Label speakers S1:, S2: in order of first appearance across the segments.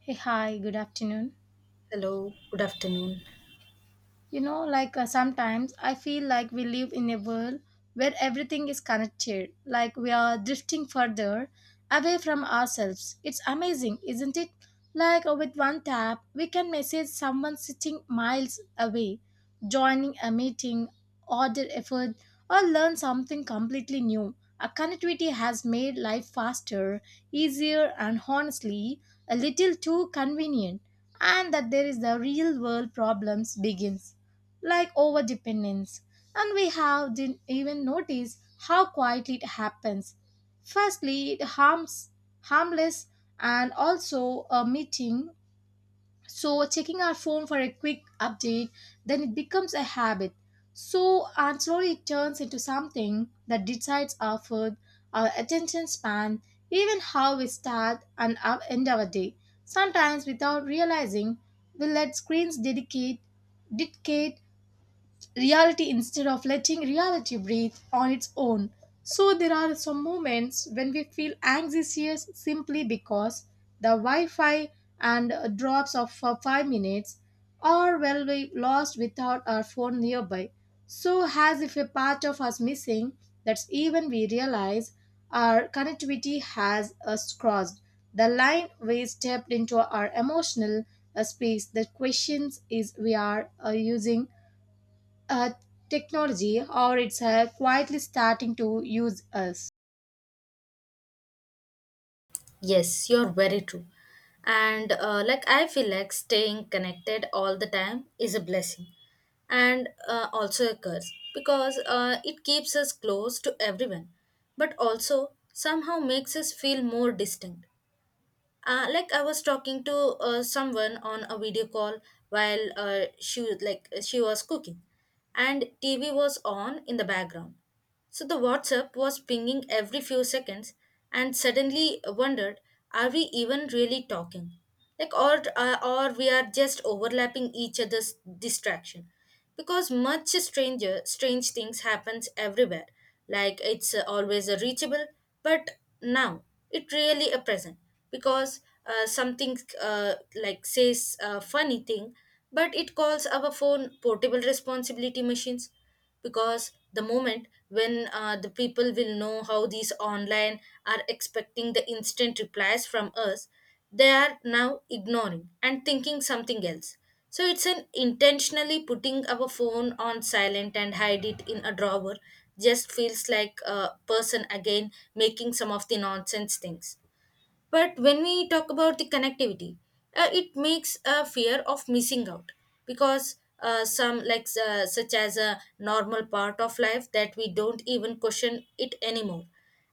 S1: Hey, hi, good afternoon.
S2: Hello, good afternoon.
S1: You know, sometimes I feel like we live in a world where everything is connected, like we are drifting further away from ourselves. It's amazing, isn't it? With one tap, we can message someone sitting miles away, joining a meeting, order a food, or learn something completely new. A connectivity has made life faster, easier, and honestly, a little too convenient and that there is the real world problems begins like over dependence. And we have didn't even notice how quietly it happens. Firstly, it harms harmless and also a meeting. So checking our phone for a quick update, then it becomes a habit. So and slowly it turns into something that decides our food, our attention span, even how we start and our end our day. Sometimes without realizing, we let screens dedicate dictate reality instead of letting reality breathe on its own. So there are some moments when we feel anxious simply because the Wi-Fi and drops of for 5 minutes or well we lost without our phone nearby. So as if a part of us missing that's even we realize our connectivity has us crossed. The line we stepped into our emotional a space that questions is we are using uh, technology or it's quietly starting to use us.
S2: Yes, you're very true. And like I feel like staying connected all the time is a blessing and also a curse because it keeps us close to everyone but also somehow makes us feel more distinct. Like I was talking to someone on a video call while like she was cooking and TV was on in the background. So the WhatsApp was pinging every few seconds, and suddenly wondered, are we even really talking? Or we are just overlapping each other's distraction, because much strange things happens everywhere. Like it's always reachable, but now it really a present because something like says a funny thing, but it calls our phone portable responsibility machines because the moment when the people will know how these online are expecting the instant replies from us, they are now ignoring and thinking something else. So it's an intentionally putting our phone on silent and hide it in a drawer just feels like a person again making some of the nonsense things. But when we talk about the connectivity, it makes a fear of missing out because some like such as a normal part of life that we don't even question it anymore.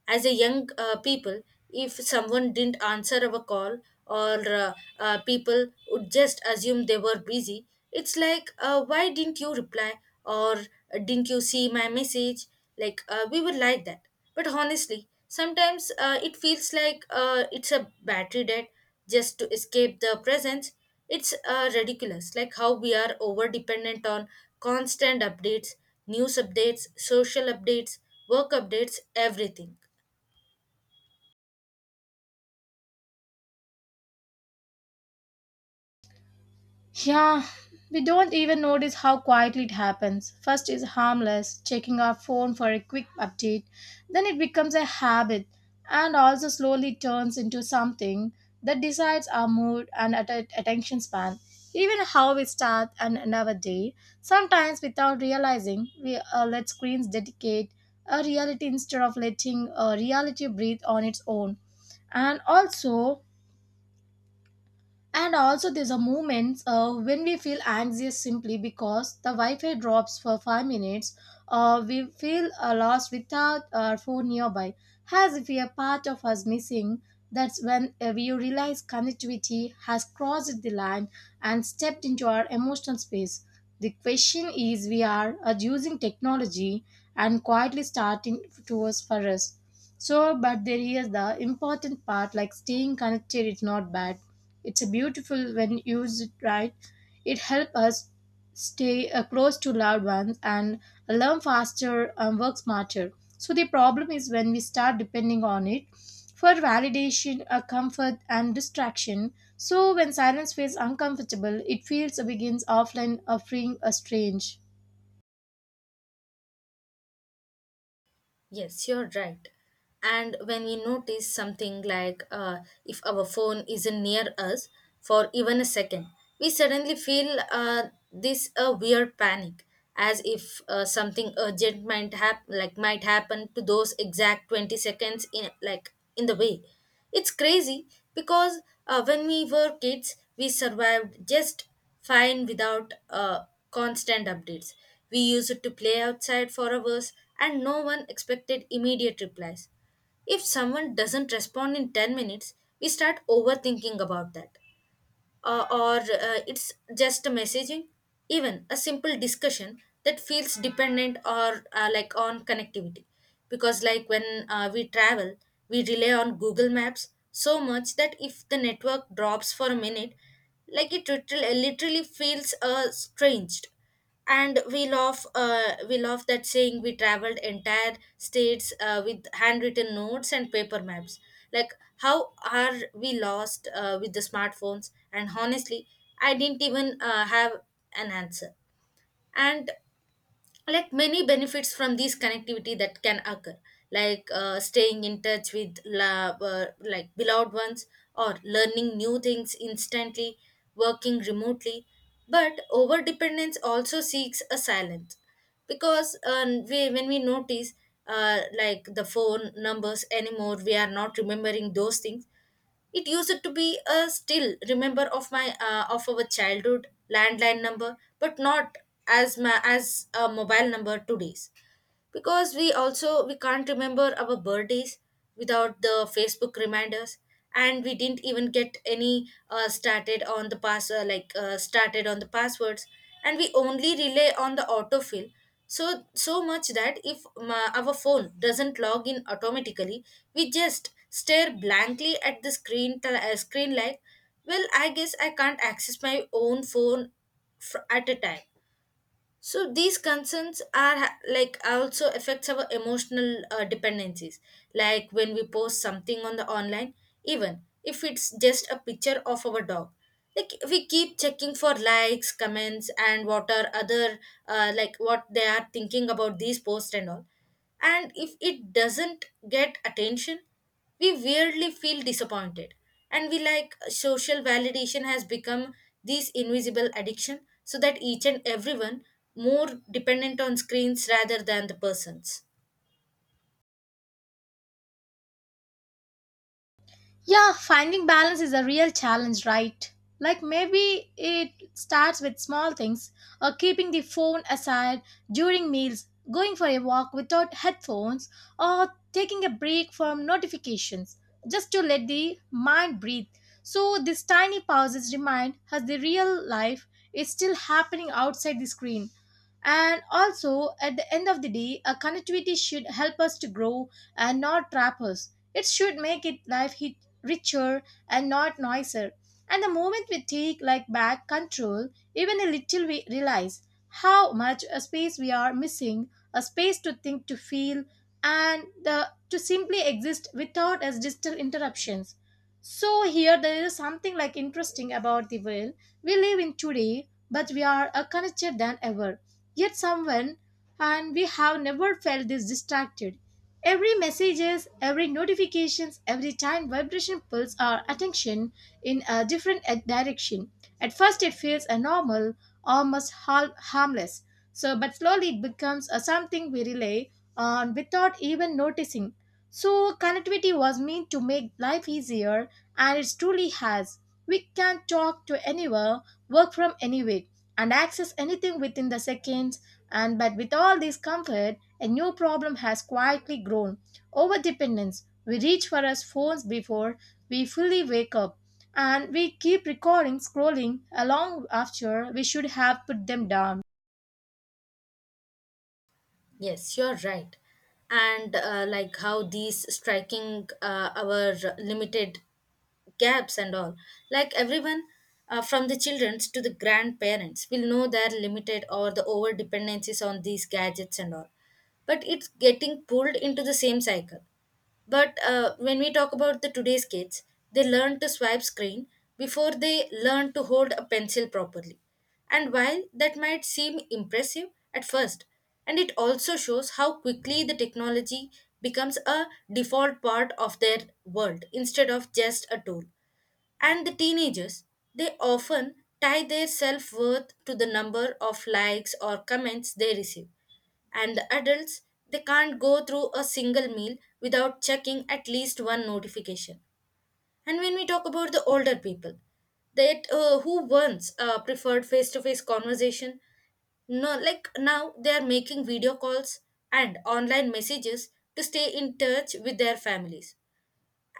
S2: As a young people, if someone didn't answer our call or people would just assume they were busy. It's like, why didn't you reply or didn't you see my message? We were like that, but honestly, sometimes it feels like it's a battery dead just to escape the presence. It's ridiculous, like how we are over dependent on constant updates, news updates, social updates, work updates, everything.
S1: Yeah, we don't even notice how quietly it happens. First is harmless, checking our phone for a quick update. Then it becomes a habit and also slowly turns into something that decides our mood and attention span. Even how we start and end our day. Sometimes without realizing, we let screens dedicate a reality instead of letting reality breathe on its own. And also, and also, there's a moments when we feel anxious simply because the Wi-Fi drops for 5 minutes, or we feel lost without our phone nearby, as if a part of us missing. That's when we realize connectivity has crossed the line and stepped into our emotional space. The question is, we are using technology and quietly starting to us for us. So, but there is the important part, like staying connected is not bad, it's a beautiful when used right. It helps us stay close to loved ones and learn faster and work smarter. So the problem is when we start depending on it for validation, comfort, and distraction. So when silence feels uncomfortable, it feels begins offline, offering a strange.
S2: Yes, you're right. And when we notice something like, if our phone isn't near us for even a second, we suddenly feel this a weird panic, as if something urgent might hap- like might happen to those exact 20 seconds in in the way. It's crazy because when we were kids, we survived just fine without constant updates. We used to play outside for hours and no one expected immediate replies. If someone doesn't respond in 10 minutes, we start overthinking about that or It's just a messaging, even a simple discussion, that feels dependent or like on connectivity. Because like when we travel, we rely on Google Maps so much that if the network drops for a minute, like it literally, literally feels strange. And we love that saying we traveled entire states with handwritten notes and paper maps. Like how are we lost with the smartphones? And honestly, I didn't even have an answer. And like many benefits from this connectivity that can occur, like staying in touch with la- like beloved ones, or learning new things instantly, working remotely. But over dependence also seeks a silence because when we notice, like the phone numbers anymore, we are not remembering those things. It used to be a still remember of my of our childhood landline number, but not as a mobile number today's, because we also we can't remember our birthdays without the Facebook reminders. And we didn't even get any started on the pass like started on the passwords, and we only rely on the autofill. So so much that if our phone doesn't log in automatically, we just stare blankly at the screen like, well, I guess I can't access my own phone at a time. So these concerns like also affects our emotional dependencies. Like when we post something on the online, even if it's just a picture of our dog, like we keep checking for likes, comments, and what are other, like what they are thinking about these posts and all. And if it doesn't get attention, we weirdly feel disappointed, and we like social validation has become this invisible addiction so that each and everyone more dependent on screens rather than the persons.
S1: Yeah, finding balance is a real challenge, right? Like maybe it starts with small things, or keeping the phone aside during meals, going for a walk without headphones, or taking a break from notifications just to let the mind breathe. So, these tiny pauses remind us the real life is still happening outside the screen. And also, at the end of the day, a connectivity should help us to grow and not trap us. It should make it life hit richer and not noisier. And the moment we take like back control, even a little, we realize how much a space we are missing, a space to think, to feel, and the, to simply exist without as digital interruptions. So here there is something like interesting about the world we live in today, but we are connected than ever yet someone and we have never felt this distracted. Every messages, every notifications, every time vibration pulls our attention in a different direction. At first it feels a normal, almost harmless, so but slowly it becomes a something we rely on without even noticing. So connectivity was meant to make life easier and it truly has. We can talk to anywhere, work from anywhere, and access anything within the seconds. And but with all this comfort a new problem has quietly grown: overdependence. We reach for our phones before we fully wake up and we keep recording scrolling along after we should have put them down.
S2: Yes, you're right. and Like how these striking our limited gaps and all, like everyone from the children to the grandparents will know their limited or the over dependencies on these gadgets and all, but it's getting pulled into the same cycle. But when we talk about the today's kids, they learn to swipe screen before they learn to hold a pencil properly. And while that might seem impressive at first, and it also shows how quickly the technology becomes a default part of their world instead of just a tool. And the teenagers, they often tie their self worth to the number of likes or comments they receive. And the adults, they can't go through a single meal without checking at least one notification. And when we talk about the older people, that who once preferred face-to-face conversation, no, like now they are making video calls and online messages to stay in touch with their families.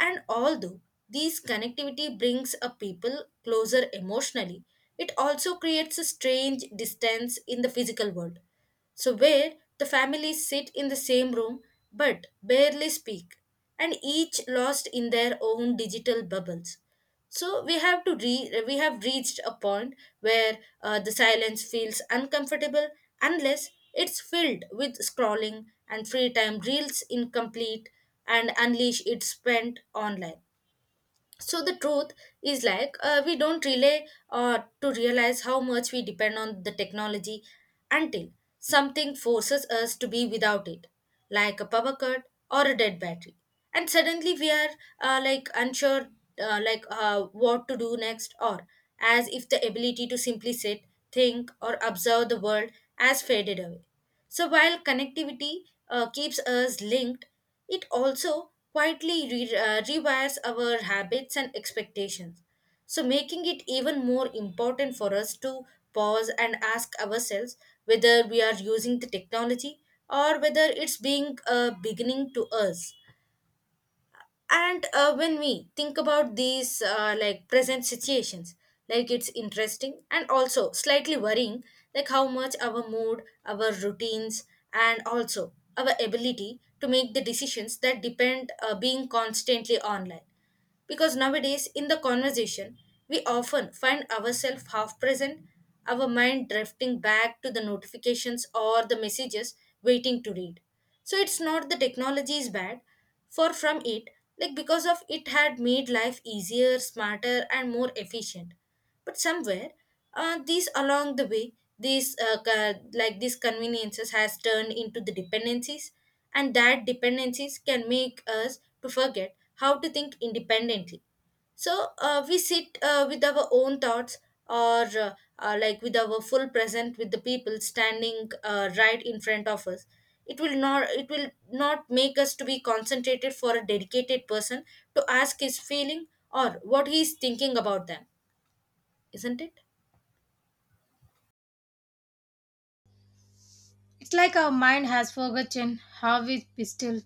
S2: And although these connectivity brings a people closer emotionally, it also creates a strange distance in the physical world. So where the families sit in the same room but barely speak, and each lost in their own digital bubbles. So we have reached a point where the silence feels uncomfortable unless it's filled with scrolling and free time reels incomplete and unleash its spent online. So the truth is like, we don't relay to realize how much we depend on the technology until something forces us to be without it, like a power cut or a dead battery. And suddenly we are like unsure, what to do next, or as if the ability to simply sit, think or observe the world has faded away. So while connectivity keeps us linked, it also quietly rewires our habits and expectations, so making it even more important for us to pause and ask ourselves whether we are using the technology or whether it's being a beginning to us. And When we think about these like present situations, like it's interesting and also slightly worrying, like how much our mood, our routines, and also our ability to make the decisions that depend being constantly online. Because nowadays, in the conversation, we often find ourselves half present, our mind drifting back to the notifications or the messages waiting to read. So it's not the technology is bad, for from it, like because of it had made life easier, smarter, and more efficient, but somewhere these along the way, like these conveniences has turned into the dependencies, and that dependencies can make us to forget how to think independently. So we sit with our own thoughts, or like with our full present with the people standing right in front of us, it will not make us to be concentrated for a dedicated person to ask his feeling or what he is thinking about them, isn't it?
S1: It's like our mind has forgotten how we be still,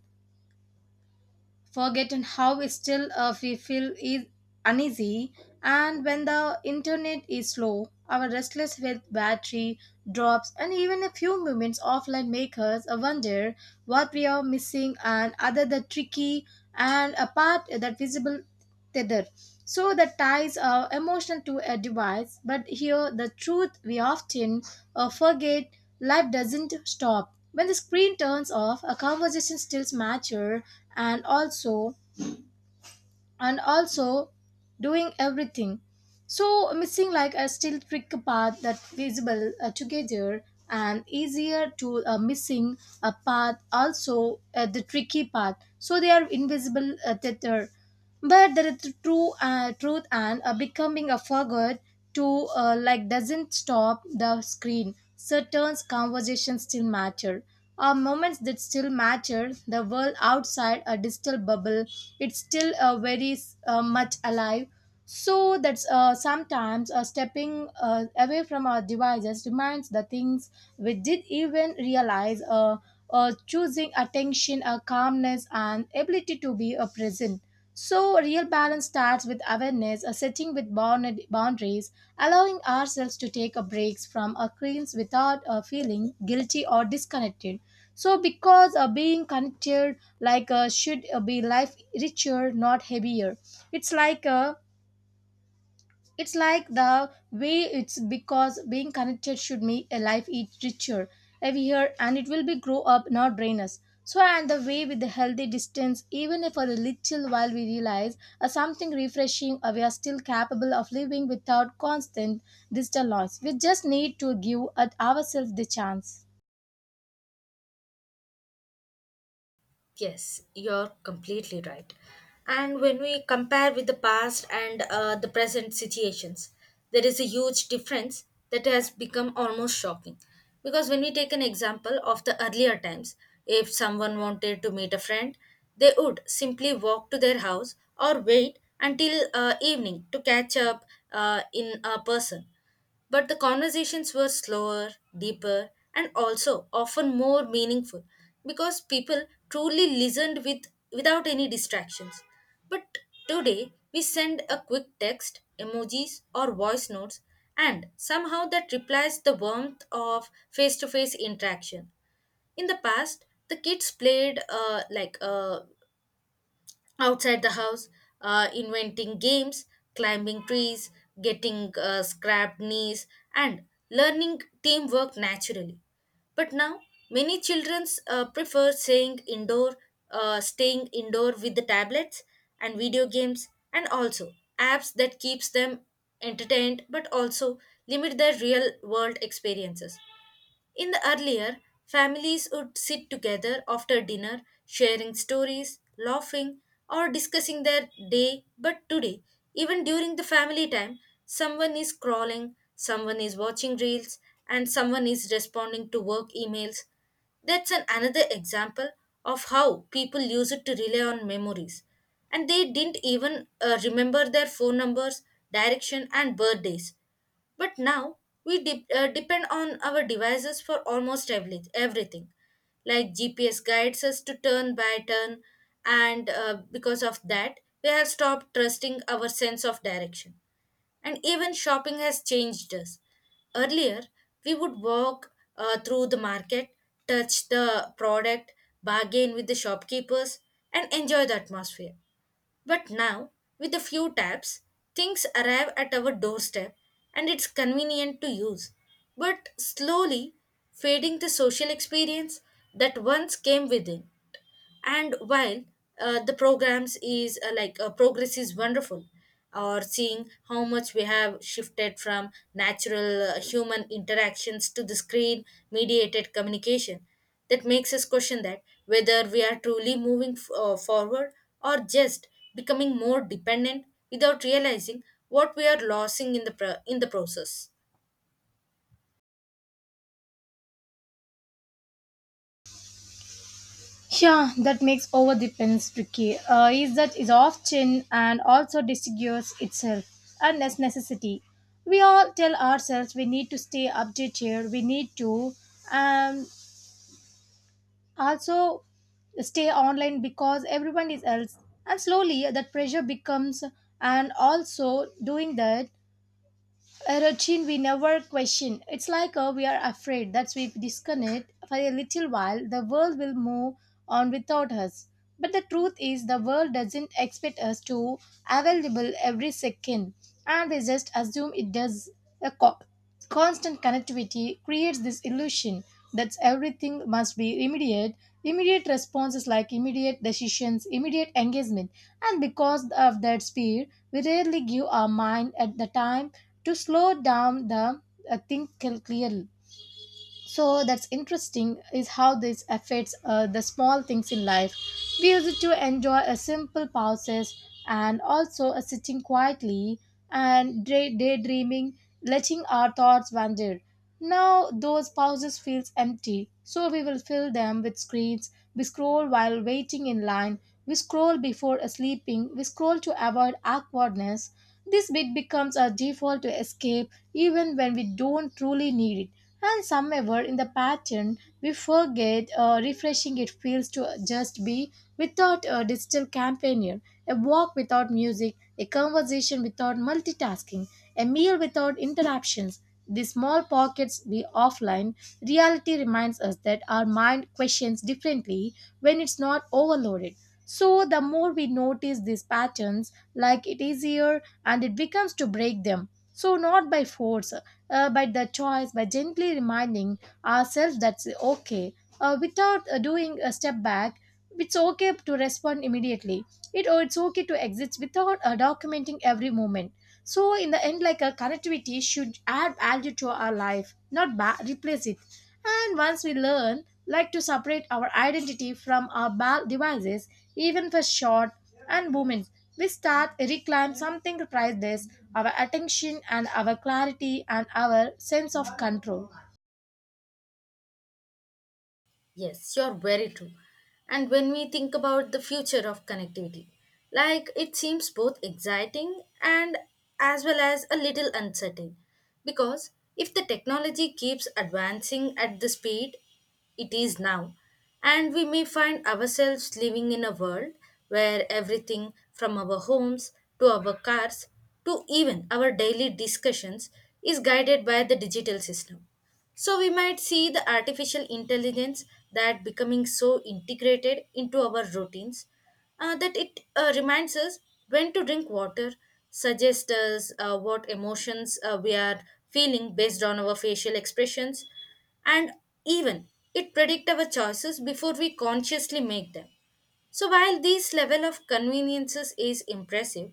S1: forgotten how still we feel is uneasy, and when the internet is slow our restless with battery drops, and even a few moments offline make us wonder what we are missing and other the tricky and apart that visible tether. So the ties are emotional to a device, but here the truth we often forget. Life doesn't stop. When the screen turns off, a conversation still mature and also and also doing everything. So missing like a still trick path that visible together and easier to missing a path also the tricky path. So they are invisible tether, but the true truth and becoming a forgot to like doesn't stop the screen, certain conversations still matter, are moments that still matter, the world outside a digital bubble it's still very much alive. So that's sometimes stepping away from our devices reminds the things we did even realize choosing attention, calmness and ability to be present. So, real balance starts with awareness, a setting with boundaries, allowing ourselves to take a breaks from our screens without feeling guilty or disconnected. So, because being connected like should be life richer, not heavier. It's like uh, it's like the way it's because being connected should make a life eat richer, every year, and it will be grow up, not drain us. So, and the way with the healthy distance, even if for a little while we realize something refreshing, we are still capable of living without constant digital noise. We just need to give ourselves the chance.
S2: Yes, you're completely right. And when we compare with the past and the present situations, there is a huge difference that has become almost shocking. Because when we take an example of the earlier times, if someone wanted to meet a friend, they would simply walk to their house or wait until evening to catch up in a person. But the conversations were slower, deeper, and also often more meaningful because people truly listened with without any distractions. But today we send a quick text, emojis, or voice notes, and somehow that replies the warmth of face to face interaction. In the past, the kids played outside the house, inventing games, climbing trees, getting scrapped knees, and learning teamwork naturally. But now, many children staying indoor with the tablets and video games, and also apps that keeps them entertained but also limit their real world experiences. In the earlier, families would sit together after dinner, sharing stories, laughing, or discussing their day. But today, even during the family time, someone is crawling, someone is watching reels, and someone is responding to work emails. That's an another example of how people use it to rely on memories. And they didn't even remember their phone numbers, direction, and birthdays. But now we depend on our devices for almost everything. Like GPS guides us to turn by turn, and because of that, we have stopped trusting our sense of direction. And even shopping has changed us. Earlier, we would walk through the market, touch the product, bargain with the shopkeepers, and enjoy the atmosphere. But now, with a few taps, things arrive at our doorstep and it's convenient to use, but slowly fading the social experience that once came within. And while the programs is like progress is wonderful or seeing how much we have shifted from natural human interactions to the screen mediated communication that makes us question that whether we are truly moving forward or just becoming more dependent without realizing what we are losing in the process.
S1: Yeah, that makes overdependence tricky. Is that is often and also disguises itself and as necessity. We all tell ourselves we need to stay updated. We need to um also stay online because everyone is else. And slowly that pressure becomes and also doing that a routine we never question. It's like we are afraid that we disconnect for a little while, the world will move on without us. But the truth is, the world doesn't expect us to available every second, and we just assume it does. A constant connectivity creates this illusion that everything must be immediate. Immediate responses, like immediate decisions, immediate engagement. And because of that speed, we rarely give our mind at the time to slow down the think clearly. So that's interesting is how this affects the small things in life. We use it to enjoy a simple pauses and also a sitting quietly and daydreaming, letting our thoughts wander. Now those pauses feels empty, so we will fill them with screens. We scroll while waiting in line. We scroll before sleeping. We scroll to avoid awkwardness. This bit becomes our default to escape even when we don't truly need it. And somewhere in the pattern, we forget refreshing it feels to just be without a digital companion, a walk without music, a conversation without multitasking, a meal without interruptions. The small pockets we offline reality reminds us that our mind questions differently when it's not overloaded. So the more we notice these patterns, like it easier and it becomes to break them. So not by force, but the choice by gently reminding ourselves that's okay, without doing a step back, it's okay to respond immediately it, or it's okay to exist without documenting every moment. So in the end, like a connectivity should add value to our life not replace it, and once we learn like to separate our identity from our devices, even for short and moments, we start reclaim something priceless, our attention and our clarity and our sense of control.
S2: Yes, you're very true. And when we think about the future of connectivity, like it seems both exciting and as well as a little uncertain. Because if the technology keeps advancing at the speed it is now, and we may find ourselves living in a world where everything from our homes to our cars to even our daily discussions is guided by the digital system, so we might see the artificial intelligence that becoming so integrated into our routines, that it reminds us when to drink water, suggests us what emotions we are feeling based on our facial expressions, and even it predict our choices before we consciously make them. So while this level of conveniences is impressive,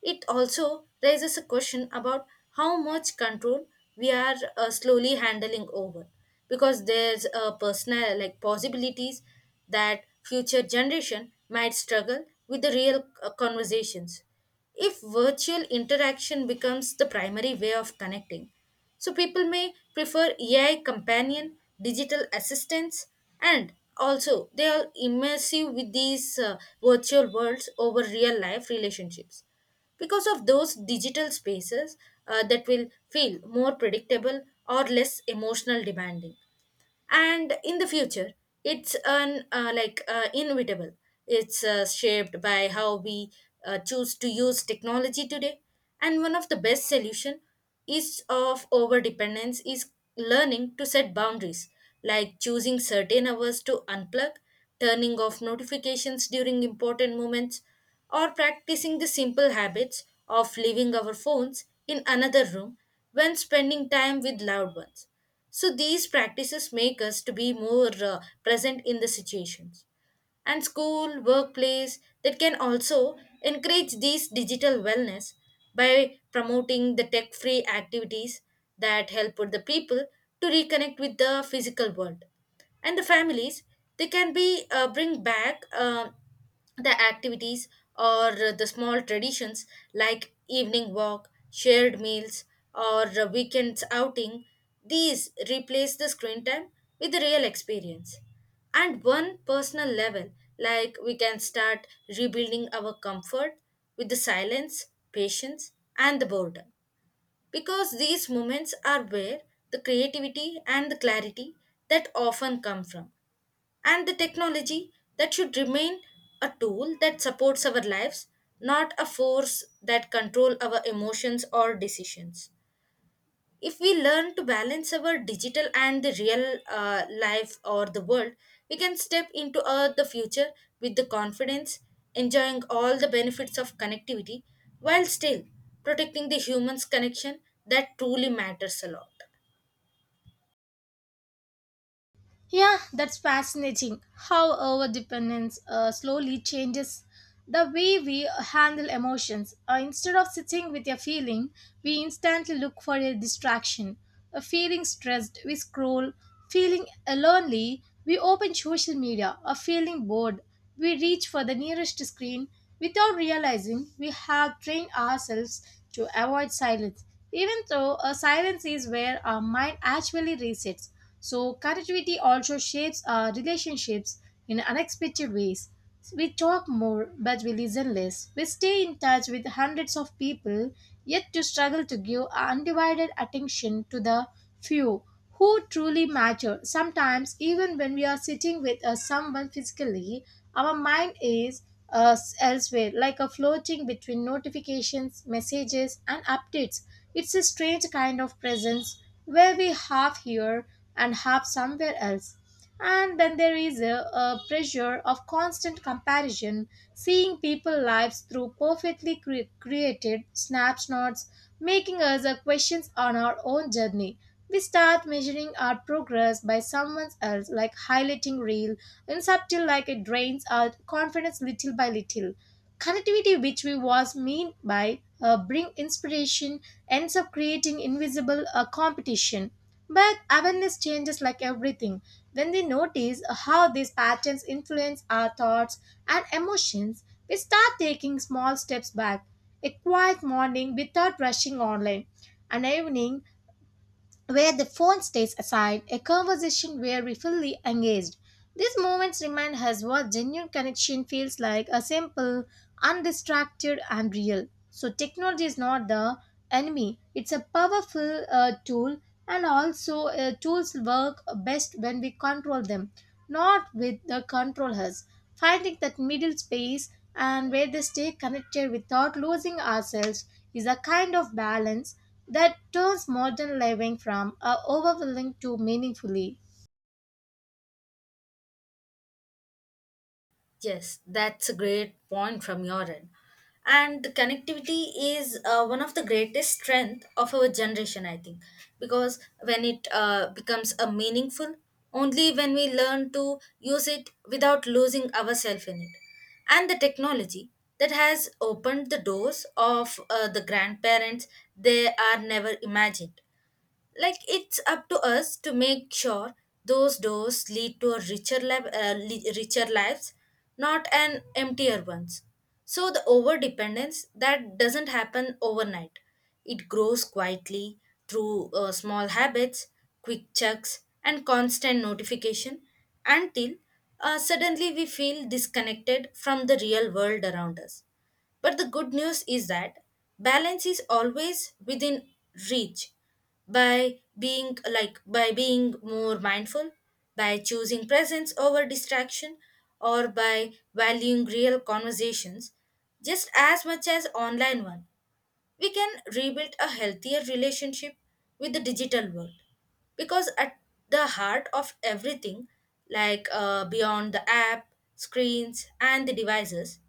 S2: it also raises a question about how much control we are slowly handling over, because there's a personal like possibilities that future generation might struggle with the real conversations if virtual interaction becomes the primary way of connecting. So people may prefer AI companion, digital assistants, and also they are immersive with these virtual worlds over real life relationships. Because of those digital spaces that will feel more predictable or less emotional demanding, and in the future it's an inevitable, it's shaped by how we choose to use technology today. And one of the best solution is of over dependence is learning to set boundaries, like choosing certain hours to unplug, turning off notifications during important moments, or practicing the simple habits of leaving our phones in another room when spending time with loved ones, so these practices make us to be more present in the situations. And school, workplace that can also encourage these digital wellness by promoting the tech-free activities that help with the people to reconnect with the physical world. And the families, they can be bring back the activities or the small traditions like evening walk, shared meals, or a weekends outing, these replace the screen time with the real experience. And one personal level, like we can start rebuilding our comfort with the silence, patience, and the boredom. Because these moments are where the creativity and the clarity that often come from, and the technology that should remain a tool that supports our lives, not a force that control our emotions or decisions. If we learn to balance our digital and the real life or the world, we can step into the future with the confidence, enjoying all the benefits of connectivity, while still protecting the human's connection that truly matters a lot.
S1: Yeah, that's fascinating, how our dependence slowly changes the way we handle emotions. Instead of sitting with a feeling, we instantly look for a distraction. Feeling stressed, we scroll. Feeling lonely, we open social media. Or feeling bored, we reach for the nearest screen without realizing we have trained ourselves to avoid silence, even though a silence is where our mind actually resets. So, connectivity also shapes our relationships in unexpected ways. We talk more, but we listen less. We stay in touch with hundreds of people, yet to struggle to give undivided attention to the few who truly matter. Sometimes, even when we are sitting with someone physically, our mind is elsewhere, like a floating between notifications, messages, and updates. It's a strange kind of presence where we half here and half somewhere else. And then there is a pressure of constant comparison, seeing people lives through perfectly created snapshots, making us a questions on our own journey. We start measuring our progress by someone else, like highlighting real, and subtle, like it drains our confidence little by little. Connectivity, which we was mean by bring inspiration, ends up creating invisible competition. But awareness changes like everything. When we notice how these patterns influence our thoughts and emotions, we start taking small steps back. A quiet morning without rushing online, an evening where the phone stays aside, a conversation where we fully engaged. These moments remind us what genuine connection feels like, a simple, undistracted, and real. So, technology is not the enemy, it's a powerful tool, and also tools work best when we control them, not with the controllers. Finding that middle space and where they stay connected without losing ourselves is a kind of balance that turns modern living from overwhelming to meaningfully.
S2: Yes, that's a great point from your end. And the connectivity is one of the greatest strength of our generation, I think, because when it becomes a meaningful, only when we learn to use it without losing ourselves in it. And the technology that has opened the doors of the grandparents they are never imagined, like it's up to us to make sure those doors lead to a richer richer lives, not an emptier ones. So the overdependence that doesn't happen overnight, it grows quietly through small habits, quick checks and constant notification, until suddenly we feel disconnected from the real world around us. But the good news is that balance is always within reach. By being more mindful, by choosing presence over distraction, or by valuing real conversations just as much as online one, we can rebuild a healthier relationship with the digital world. Because at the heart of everything, like beyond the app screens and the devices,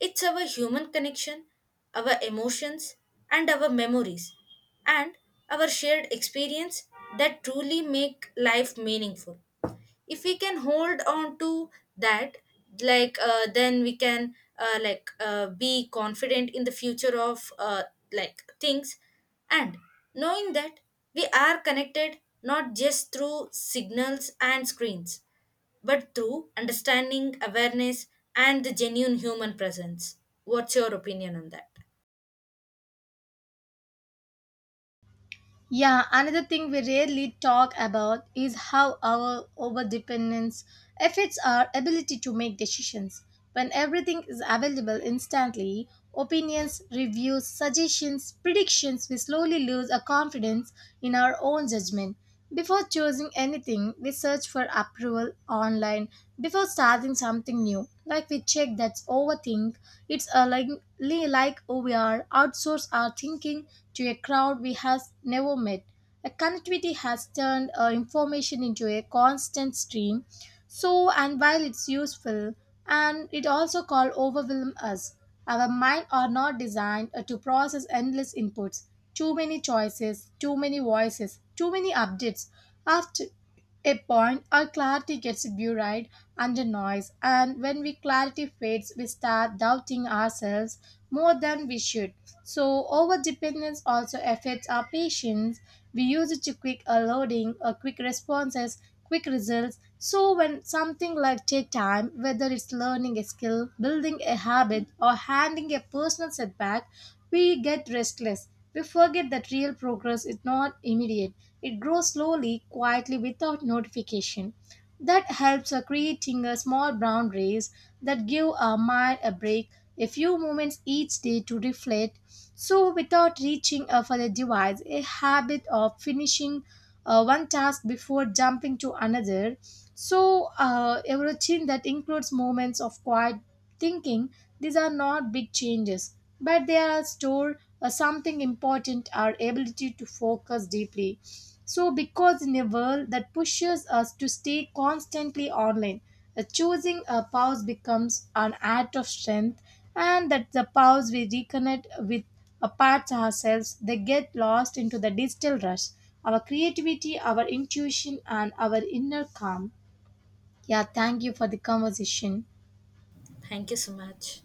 S2: it's our human connection, our emotions, and our memories, and our shared experience that truly make life meaningful. If we can hold on to that, then we can be confident in the future of like things, and knowing that we are connected not just through signals and screens, but through understanding awareness and the genuine human presence. What's your opinion on that?
S1: Yeah, another thing we rarely talk about is how our overdependence affects our ability to make decisions. When everything is available instantly, opinions, reviews, suggestions, predictions, we slowly lose a confidence in our own judgment. Before choosing anything, we search for approval online. Before starting something new, like we check that's overthink, it's a like, like we are outsource our thinking to a crowd we has never met. A connectivity has turned information into a constant stream. So, and while it's useful, and it also call overwhelm us. Our mind are not designed to process endless inputs. Too many choices, too many voices, too many updates. After a point, our clarity gets buried under noise, and when we clarity fades, we start doubting ourselves more than we should. So, over dependence also affects our patience. We use it to quick loading, or quick responses, quick results. So, when something like take time, whether it's learning a skill, building a habit, or handling a personal setback, we get restless, we forget that real progress is not immediate. It grows slowly, quietly, without notification. That helps creating a small boundaries that give our mind a break, a few moments each day to reflect. So, without reaching for the device, a habit of finishing one task before jumping to another. So, a routine that includes moments of quiet thinking, these are not big changes, but they are store something important, our ability to focus deeply. So, because in a world that pushes us to stay constantly online, choosing a pause becomes an act of strength, and that the pause we reconnect with apart ourselves, they get lost into the digital rush, our creativity, our intuition, and our inner calm. Yeah, thank you for the conversation.
S2: Thank you so much.